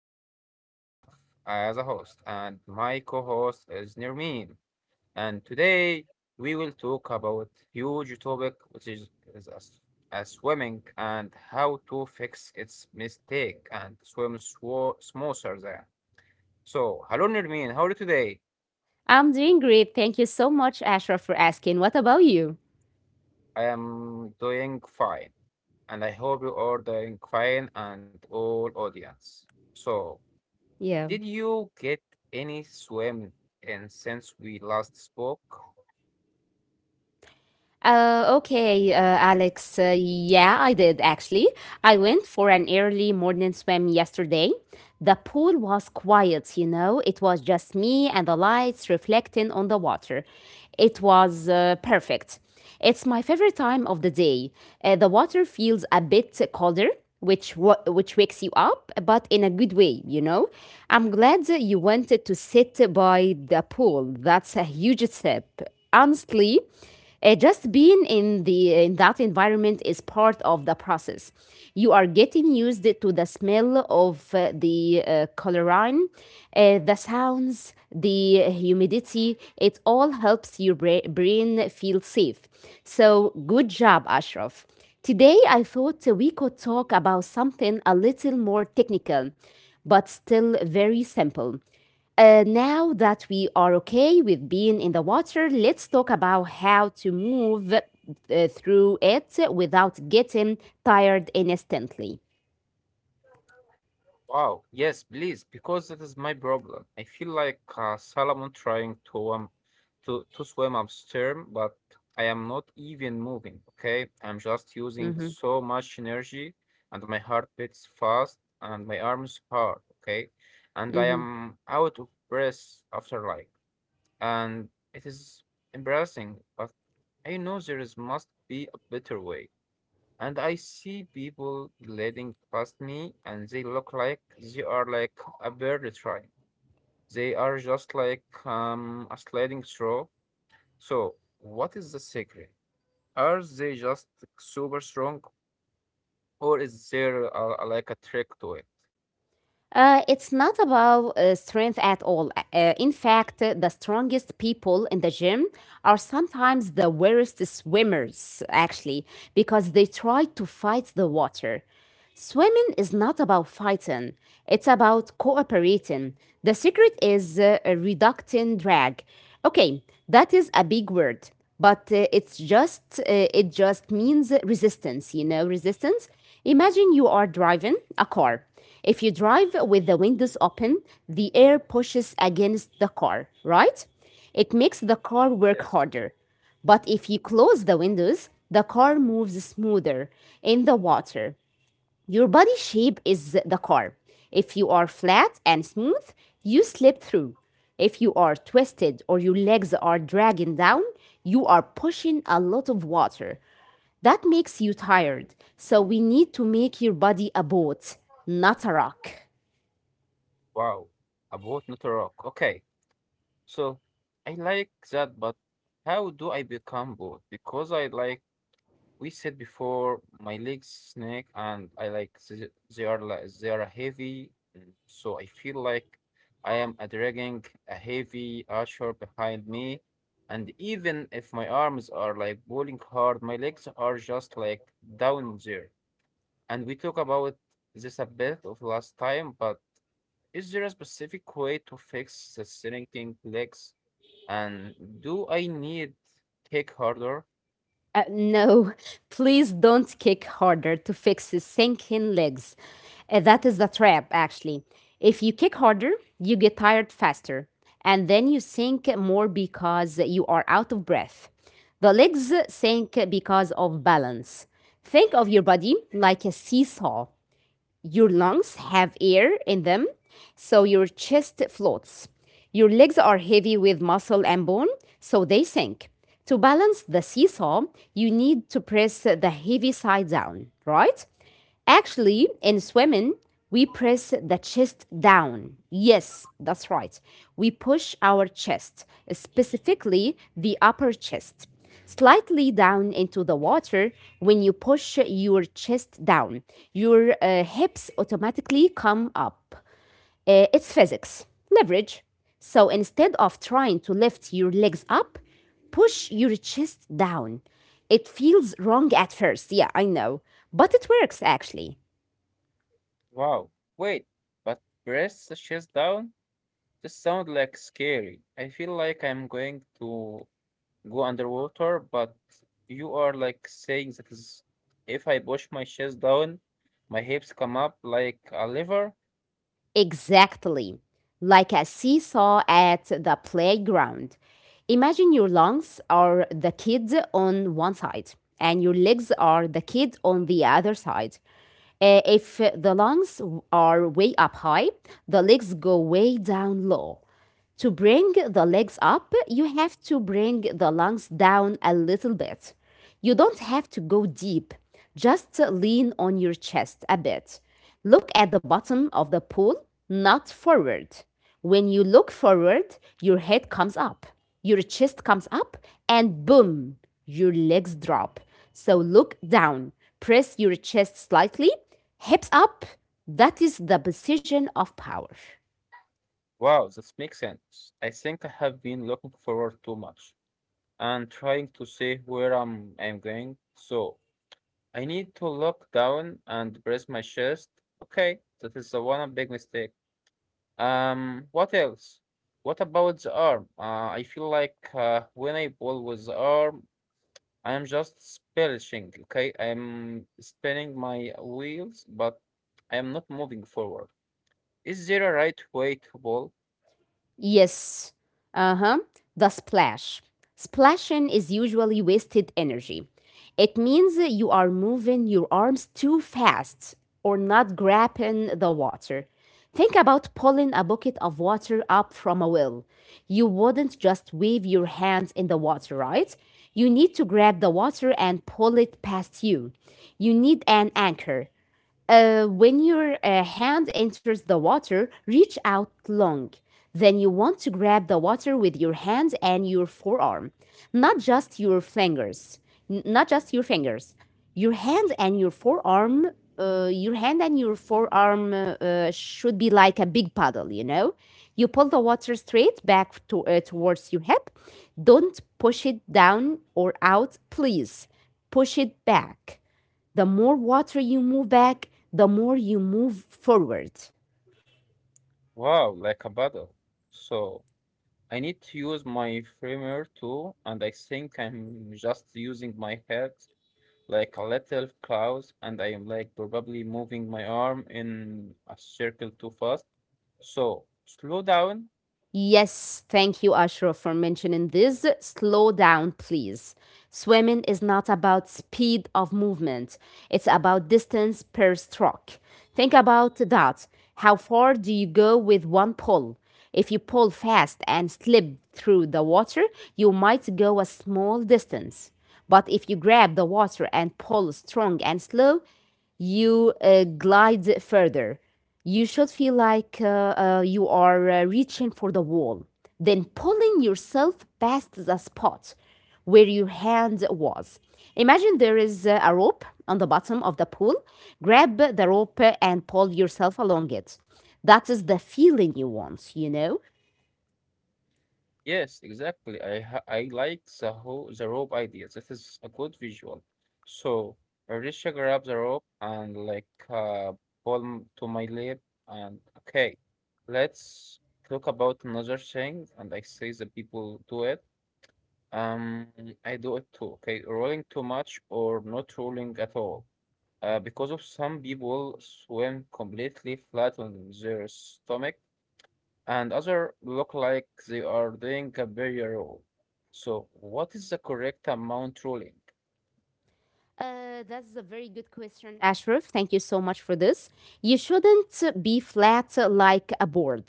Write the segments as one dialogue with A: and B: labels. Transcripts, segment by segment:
A: me, Ashraf, as a host, and my co-host is Nirmeen. And today we will talk about huge topic, which is as swimming and how to fix its mistake and swim smoother there. So, hello Nirmeen, how are you today?
B: I'm doing great. Thank you so much, Ashraf, for asking. What about you?
A: I am doing fine, and I hope you are doing fine and all audience. So,
B: Yeah.
A: did you get any swim in since we last spoke?
B: Okay, Alex. Yeah, I did actually. I went for an early morning swim yesterday. The pool was quiet, you know, it was just me and the lights reflecting on the water. It was perfect. It's my favorite time of the day. The water feels a bit colder. Which wakes you up, but in a good way, you know? I'm glad that you wanted to sit by the pool. That's a huge step. Honestly, just being in that environment is part of the process. You are getting used to the smell of the colorine, the sounds, the humidity. It all helps your brain feel safe. So good job, Ashraf. Today I thought we could talk about something a little more technical, but still very simple. Now that we are okay with being in the water, let's talk about how to move through it without getting tired instantly.
A: Wow, yes, please, because that is my problem. I feel like Solomon trying to swim upstream, but I am not even moving. Okay, I'm just using
B: Mhm,
A: so much energy, and my heart beats fast, and my arms hard. Okay, and I
B: mhm.
A: am out of breath after like, and it is embarrassing, but I know there is must be a better way. And I see people gliding past me and they look like they are like a bird trying. They are just like a sliding straw. So, what is the secret? Are they just super strong or is there like a trick to it?
B: It's not about strength at all. In fact, the strongest people in the gym are sometimes the worst swimmers, actually, because they tried to fight the water. Swimming is not about fighting, it's about cooperating. The secret is reducting drag. Okay, that is a big word, but it just means resistance, you know, resistance. Imagine you are driving a car. If you drive with the windows open, the air pushes against the car, right? It makes the car work
A: Yes.
B: harder. But if you close the windows, the car moves smoother in the water. Your body shape is the car. If you are flat and smooth, you slip through. If you are twisted or your legs are dragging down, you are pushing a lot of water. That makes you tired. So we need to make your body a boat, not a rock.
A: Wow, a boat, not a rock. Okay, so I like that, but how do I become boat? Because I like we said before, my legs snake, and I like they are like they are heavy, so I feel like I am dragging a heavy usher behind me. And even if my arms are like pulling hard, my legs are just like down there. And we talked about this a bit of last time, but is there a specific way to fix the shrinking legs? And do I need kick harder?
B: No, please don't kick harder to fix his sinking legs. That is the trap, actually. If you kick harder, you get tired faster, and then you sink more because you are out of breath. The legs sink because of balance. Think of your body like a seesaw. Your lungs have air in them, so your chest floats. Your legs are heavy with muscle and bone, so they sink. To balance the seesaw, you need to press the heavy side down, right? Actually, in swimming, we press the chest down. Yes, that's right. We push our chest, specifically the upper chest, slightly down into the water. When you push your chest down, your hips automatically come up. It's physics, leverage. So instead of trying to lift your legs up, push your chest down. It feels wrong at first, yeah, I know, but it works actually.
A: Wow. Wait, but press the chest down? This sounds like scary. I feel like I'm going to go underwater, but you are like saying that is if I push my chest down, my hips come up like a lever.
B: Exactly. Like a seesaw at the playground. Imagine your lungs are the kid on one side and your legs are the kid on the other side. If the lungs are way up high, the legs go way down low. To bring the legs up, you have to bring the lungs down a little bit. You don't have to go deep, just lean on your chest a bit. Look at the bottom of the pool, not forward. When you look forward, your head comes up, your chest comes up, and boom, your legs drop. So look down, press your chest slightly, hips up. That is the position of power.
A: Wow, that makes sense. I think I have been looking forward too much and trying to see where I'm going. So I need to look down and press my chest. Okay, that is the one big mistake. What else? What about the arm? I feel like when I pull with the arm, I am just spelling, okay? I am spinning my wheels, but I am not moving forward. Is there a right way to pull?
B: Yes. Uh huh. The splash. Splashing is usually wasted energy. It means that you are moving your arms too fast or not grabbing the water. Think about pulling a bucket of water up from a well. You wouldn't just wave your hands in the water, right? You need to grab the water and pull it past you. You need an anchor. When your hand enters the water, reach out long. Then you want to grab the water with your hand and your forearm, not just your fingers, N- not just your fingers. Your hand and your forearm, your hand and your forearm should be like a big paddle, you know? You pull the water straight back towards your hip. Don't push it down or out, please. Push it back. The more water you move back, the more you move forward.
A: Wow, like a paddle. So I need to use my framer too, and I think I'm just using my head like a little cloud, and I am like probably moving my arm in a circle too fast. So slow down.
B: Yes, thank you, Ashraf, for mentioning this. Slow down, please. Swimming is not about speed of movement, it's about distance per stroke. Think about that. How far do you go with one pull? If you pull fast and slip through the water, you might go a small distance. But if you grab the water and pull strong and slow, you glide further. You should feel like you are reaching for the wall, then pulling yourself past the spot where your hand was. Imagine there is a rope on the bottom of the pool. Grab the rope and pull yourself along it. That is the feeling you want, you know?
A: Yes, exactly. I like the whole the rope idea. This is a good visual. So Arisha grabs the rope and like pull to my lip and okay, let's talk about another thing. And I say the people do it. Um, I do it too. Okay, rolling too much or not rolling at all. Because of some people swim completely flat on their stomach and other look like they are doing a barrier roll. So what is the correct amount rolling?
B: That's a very good question, Ashraf. Thank you so much for this. You shouldn't be flat like a board,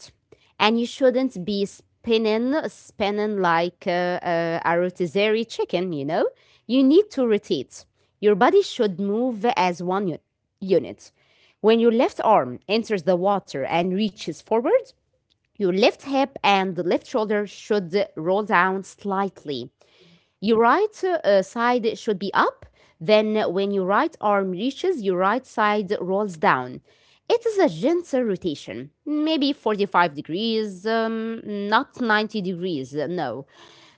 B: and you shouldn't be spinning like a rotisserie chicken. You know, you need to rotate. Your body should move as one unit. When your left arm enters the water and reaches forward, your left hip and left shoulder should roll down slightly. Your right side should be up. Then, when your right arm reaches, your right side rolls down. It is a gentle rotation, maybe 45 degrees, not 90 degrees, no.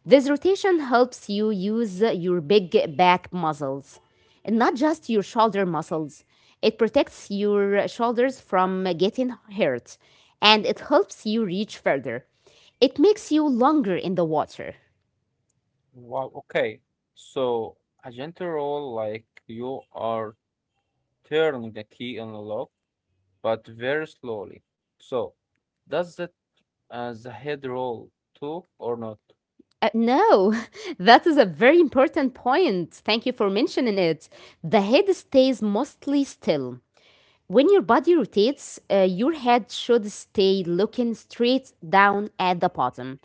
B: This rotation helps you use your big back muscles, and not just your shoulder muscles. It protects your shoulders from getting hurt, and it helps you reach further. It makes you longer in the water.
A: Wow, okay. So a gentle roll like you are turning the key in the lock, but very slowly. So does that as a head roll too or not?
B: No, that is a very important point. Thank you for mentioning it. The head stays mostly still. When your body rotates, your head should stay looking straight down at the bottom.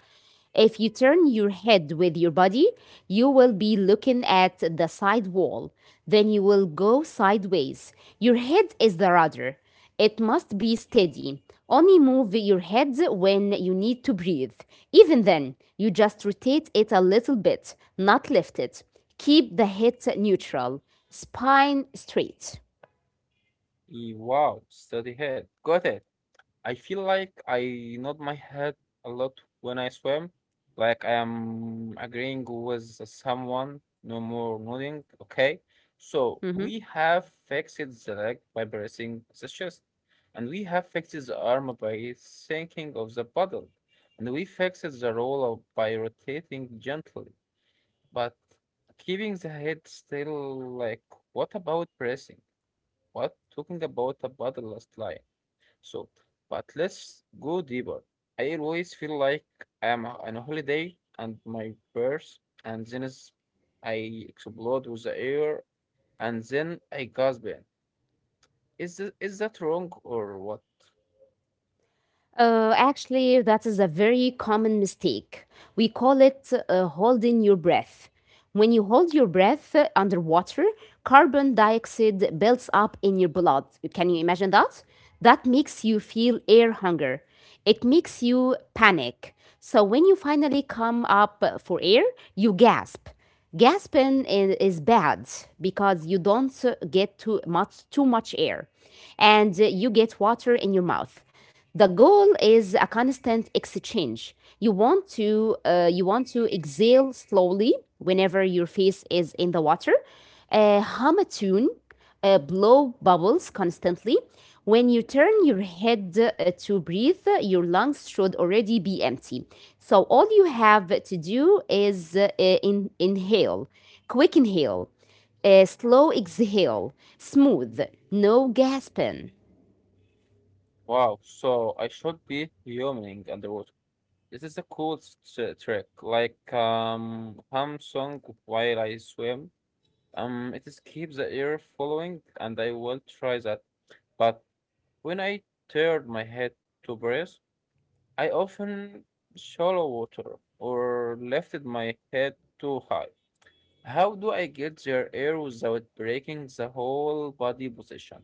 B: If you turn your head with your body, you will be looking at the side wall. Then you will go sideways. Your head is the rudder. It must be steady. Only move your head when you need to breathe. Even then, you just rotate it a little bit, not lift it. Keep the head neutral, spine straight.
A: Wow, steady head. Got it. I feel like I nod my head a lot when I swim, like I am agreeing with someone, no more nodding. Okay, so
B: Mhm.
A: we have fixed the leg by pressing the chest, and we have fixed the arm by sinking of the paddle, and we fixed the roller by rotating gently, but keeping the head still. Like, what about pressing? What talking about a paddle last line? So, but let's go deeper. I always feel like I am on a holiday and my purse, and I explode with the air, and then I gasp in. Is that wrong or what?
B: Actually, that is a very common mistake. We call it holding your breath. When you hold your breath underwater, carbon dioxide builds up in your blood. Can you imagine that? That makes you feel air hunger. It makes you panic. So when you finally come up for air, you gasp. Gasping is bad because you don't get too much air and you get water in your mouth. The goal is a constant exchange. You want to exhale slowly whenever your face is in the water. Hum a tune, blow bubbles constantly. When you turn your head to breathe, your lungs should already be empty. So all you have to do is inhale, quick inhale, slow exhale, smooth, no gasping.
A: Wow, so I should be yawning underwater. This is a cool trick, like hum song while I swim. It is keep the air following, and I will try that. But when I turned my head to breathe, I often swallow water or lifted my head too high. How do I get their air without breaking the whole body position?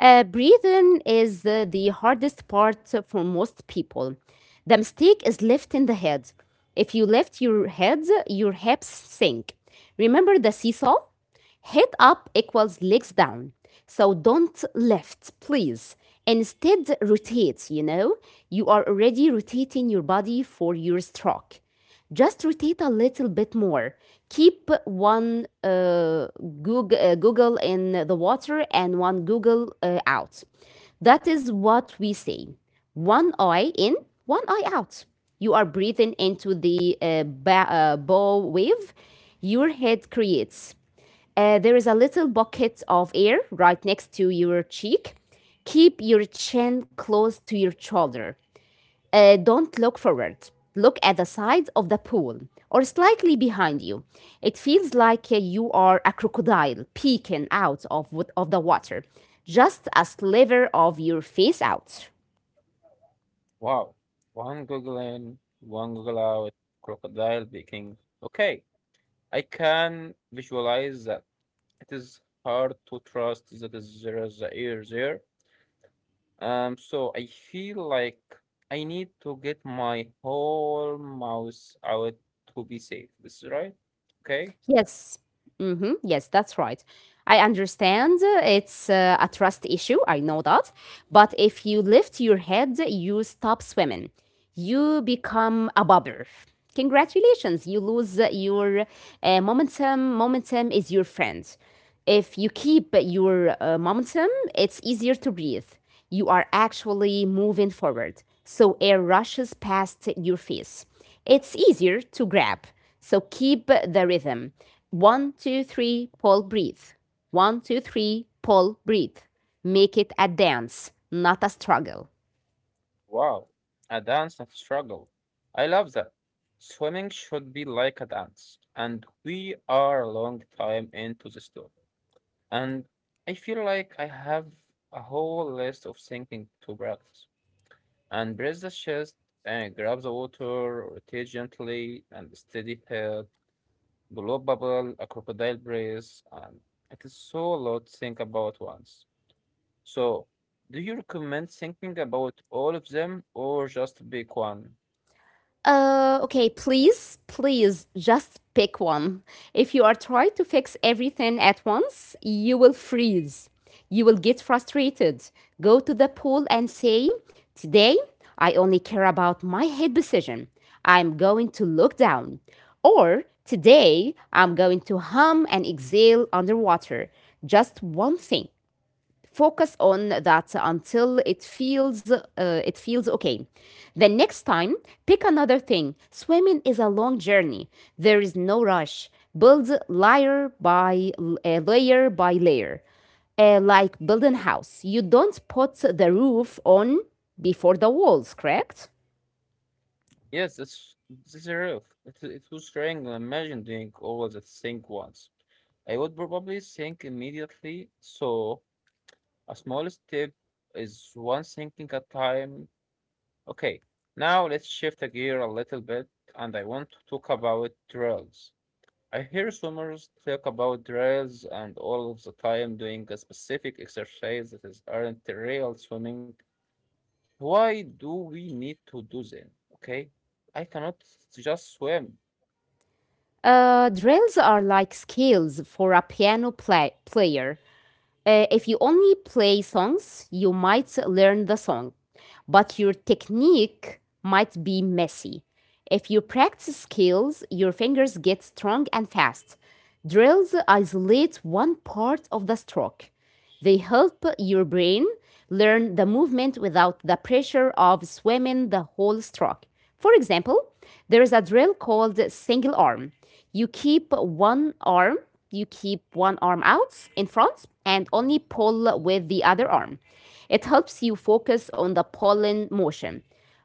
B: Breathing is the hardest part for most people. The mistake is lifting the head. If you lift your head, your hips sink. Remember the seesaw? Head up equals legs down. So don't lift, please. Instead, rotate, you know? You are already rotating your body for your stroke. Just rotate a little bit more. Keep one Google in the water and one Google out. That is what we say. One eye in, one eye out. You are breathing into the bow wave your head creates. There is a little pocket of air right next to your cheek. Keep your chin close to your shoulder. Don't look forward. Look at the sides of the pool or slightly behind you. It feels like you are a crocodile peeking out of the water, just a sliver of your face out.
A: Wow. One goggle in, one goggle out, crocodile baking. Okay, I can visualize that. It is hard to trust that there is the air there. So I feel like I need to get my whole mouse out to be safe. This is right? Okay.
B: Yes. Hmm. Yes, that's right. I understand it's a trust issue. I know that. But if you lift your head, you stop swimming. You become a bobber, congratulations, you lose your momentum. Momentum is your friend. If you keep your momentum, it's easier to breathe. You are actually moving forward, so air rushes past your face. It's easier to grab. So keep the rhythm: 1 2 3 pull breathe, 1 2 3 pull breathe. Make it a dance, not a struggle.
A: Wow. A dance of struggle. I love that. Swimming should be like a dance, and we are a long time into the story. And I feel like I have a whole list of thinking to practice. And brace the chest and grab the water, rotate gently, and steady head the bubble, a crocodile brace, and it is so a lot to think about once. So, do you recommend thinking about all of them or just pick one?
B: Okay, please, please just pick one. If you are trying to fix everything at once, you will freeze. You will get frustrated. Go to the pool and say, "Today, I only care about my head position. I'm going to look down." Or, "Today, I'm going to hum and exhale underwater." Just one thing, focus on that until it feels okay. Then next time, pick another thing. Swimming is a long journey, there is no rush. Build layer by layer by layer. Like building house, you don't put the roof on before the walls, correct.
A: Yes, this is rough. It was trying and imagine doing all the thing once. I would probably think immediately, so a small step is one thinking at time. Okay, now let's shift the gear a little bit, and I want to talk about trails. I hear swimmers talk about drills and all of the time doing a specific exercise that is aren't real swimming. Why do we need to do them? Okay, I cannot just swim.
B: Drills are like scales for a piano player. If you only play songs, you might learn the song, but your technique might be messy. If you practice skills, your fingers get strong and fast. Drills isolate one part of the stroke. They help your brain learn the movement without the pressure of swimming the whole stroke. For example, there is a drill called single arm. You keep one arm, you keep one arm out in front and only pull with the other arm. It helps you focus on the pulling motion,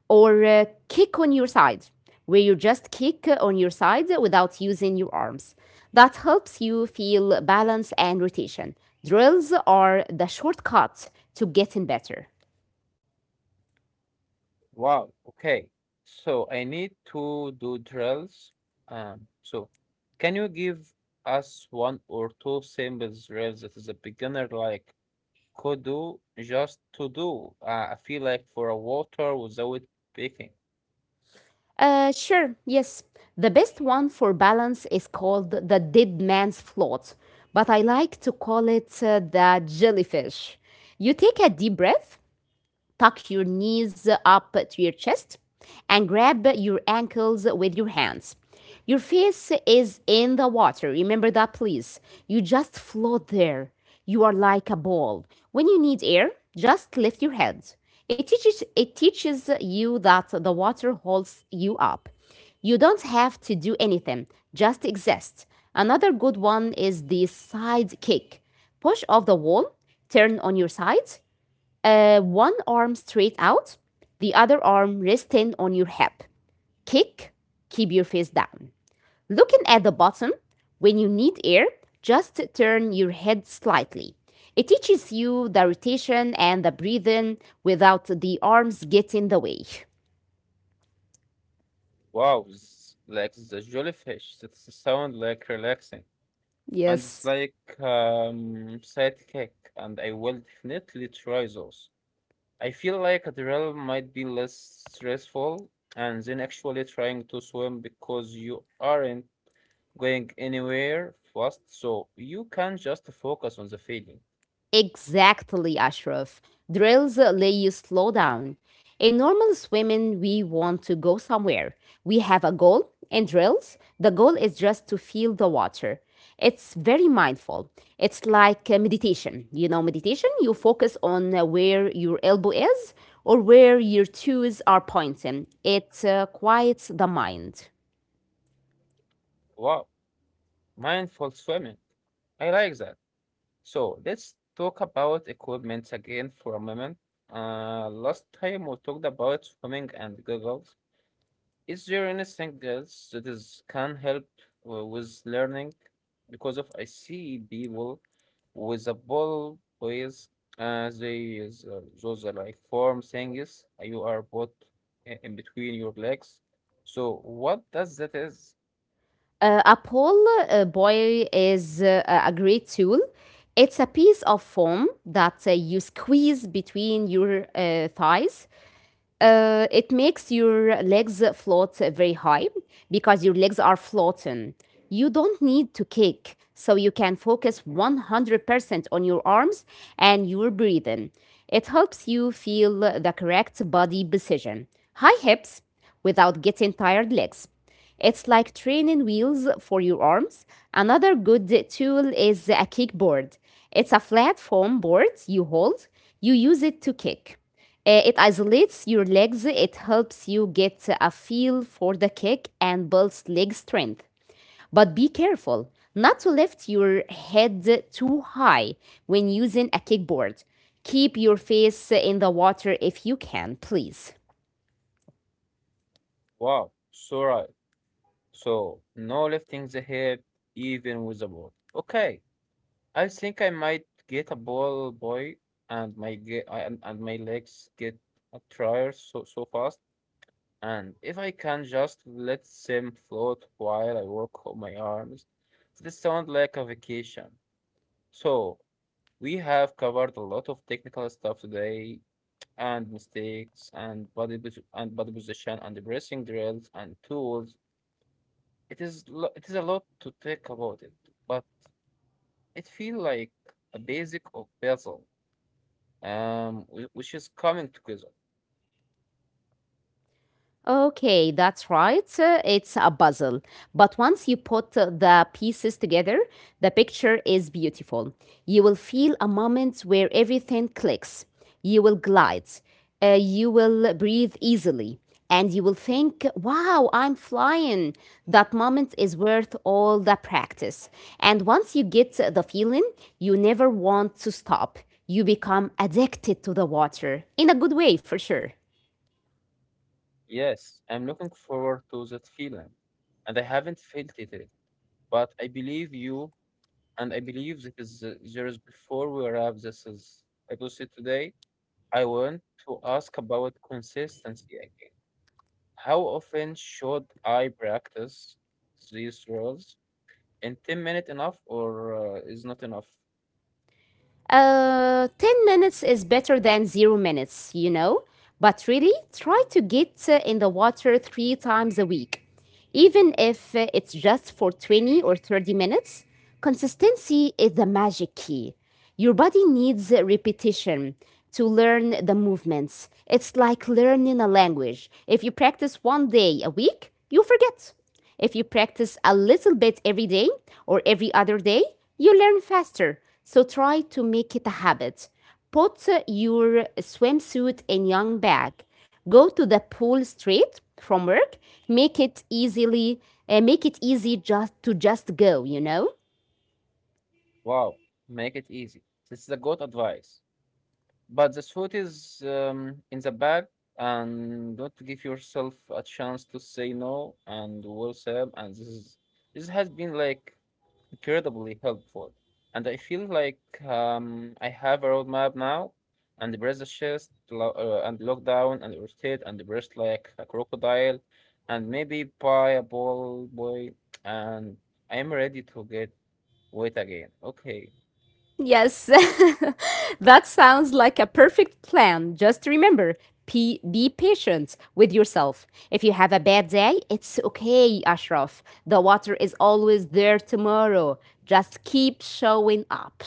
B: or kick on your side, where you just kick on your side without using your arms. That helps you feel balance and rotation. Drills are the shortcut to getting better.
A: Wow. Okay, so I need to do drills. So can you give us one or two simple drills that is a beginner like could do just to do? I feel like for a water without picking.
B: Sure, yes. The best one for balance is called the dead man's float, but I like to call it the jellyfish. You take a deep breath, tuck your knees up to your chest, and grab your ankles with your hands. Your face is in the water. Remember that, please. You just float there. You are like a ball. When you need air, just lift your head. It teaches you that the water holds you up. You don't have to do anything, just exist. Another good one is the side kick. Push off the wall, turn on your side, one arm straight out, the other arm resting on your hip. Kick, keep your face down. Looking at the bottom, when you need air, just turn your head slightly. It teaches you the rotation and the breathing without the arms getting in the way.
A: Wow, like the jellyfish, it sound like relaxing, and it's
B: Yes.
A: like sidekick, and I will definitely try those. I feel like a drill might be less stressful, and then actually trying to swim because you aren't going anywhere fast, so you can just focus on the feeling.
B: Exactly, Ashraf. Drills let you slow down. In normal swimming, we want to go somewhere. We have a goal. In drills, the goal is just to feel the water. It's very mindful. It's like meditation. You know, meditation, you focus on where your elbow is or where your toes are pointing. It quiets the mind.
A: Wow, mindful swimming. I like that. So let's talk about equipment again for a moment. Last time we talked about swimming and goggles. Is there anything else that is can help with learning? Because of I see people with a ball boys, uh, they those are like form things. You are put in between your legs. So what does that is?
B: Apple Boy is a great tool. It's a piece of foam that you squeeze between your thighs. It makes your legs float very high because your legs are floating. You don't need to kick, so you can focus 100% on your arms and your breathing. It helps you feel the correct body position, high hips, without getting tired legs. It's like training wheels for your arms. Another good tool is a kickboard. It's a flat foam board you hold, you use it to kick. It isolates your legs, it helps you get a feel for the kick and builds leg strength. But be careful not to lift your head too high when using a kickboard. Keep your face in the water if you can, please.
A: Wow, so right. So no lifting the head even with a ball. Okay. I think I might get a ball boy and my and my legs get a tire so so fast and if I can just let them float while I work on my arms, this sounds like a vacation. So we have covered a lot of technical stuff today and mistakes and and body position and the breathing drills and tools. It is it is a lot to think about it, but it feels like a basic of puzzle. Which is coming together.
B: Okay, that's right. It's a puzzle. But once you put the pieces together, the picture is beautiful. You will feel a moment where everything clicks. You will glide. You will breathe easily. And you will think, wow, I'm flying. That moment is worth all the practice. And once you get the feeling, you never want to stop. You become addicted to the water in a good way, for sure.
A: Yes, I'm looking forward to that feeling, and I haven't felt it yet. But I believe you, and I believe that is there is before we wrap this is episode today. I want to ask about consistency again. How often should I practice these rules? In 10 minutes enough, or is not enough?
B: 10 minutes is better than 0 minutes, you know? But really, try to get in the water 3 times a week. Even if it's just for 20 or 30 minutes, consistency is the magic key. Your body needs repetition to learn the movements. It's like learning a language. If you practice one day a week, you forget. If you practice a little bit every day or every other day, you learn faster. So try to make it a habit. Put your swimsuit in young bag. Go to the pool straight from work. Make it easily make it easy just to just go, you know?
A: Wow, make it easy. This is a good advice. But the thought is in the back, and don't give yourself a chance to say no and what's up. And this has been like incredibly helpful, and I feel like I have a roadmap now, and brace the chest and lock down and rotate and breast like a crocodile, and maybe buy a ball boy, and I am ready to get weight again. Okay,
B: Yes. That sounds like a perfect plan. Just remember, be patient with yourself. If you have a bad day, it's okay, Ashraf. The water is always there tomorrow. Just keep showing up.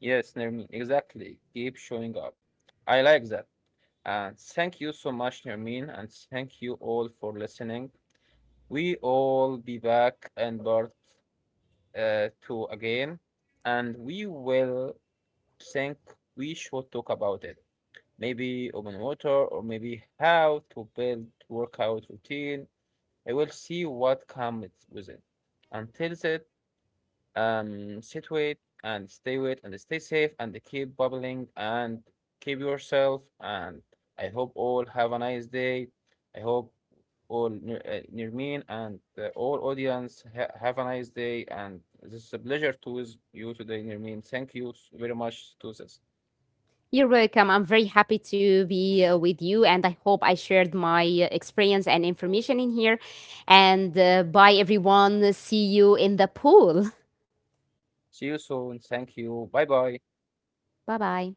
A: yes, Nermin, exactly. Keep showing up. I like that. And thank you so much, Nermeen, and thank you all for listening. We all be back in part two again, and we will think we should talk about it. Maybe open water, or maybe how to build workout routine. I will see what comes with it. Until then, sit with and stay safe and keep bubbling and keep yourself. And I hope all have a nice day. I hope all near, near me and all audience ha have a nice day. And this is a pleasure to with you today, near me. Thank you very much to this.
B: You're welcome. I'm very happy to be with you, and I hope I shared my experience and information in here. And bye, everyone. See you in the pool.
A: See you soon. Thank you. Bye bye.
B: Bye bye.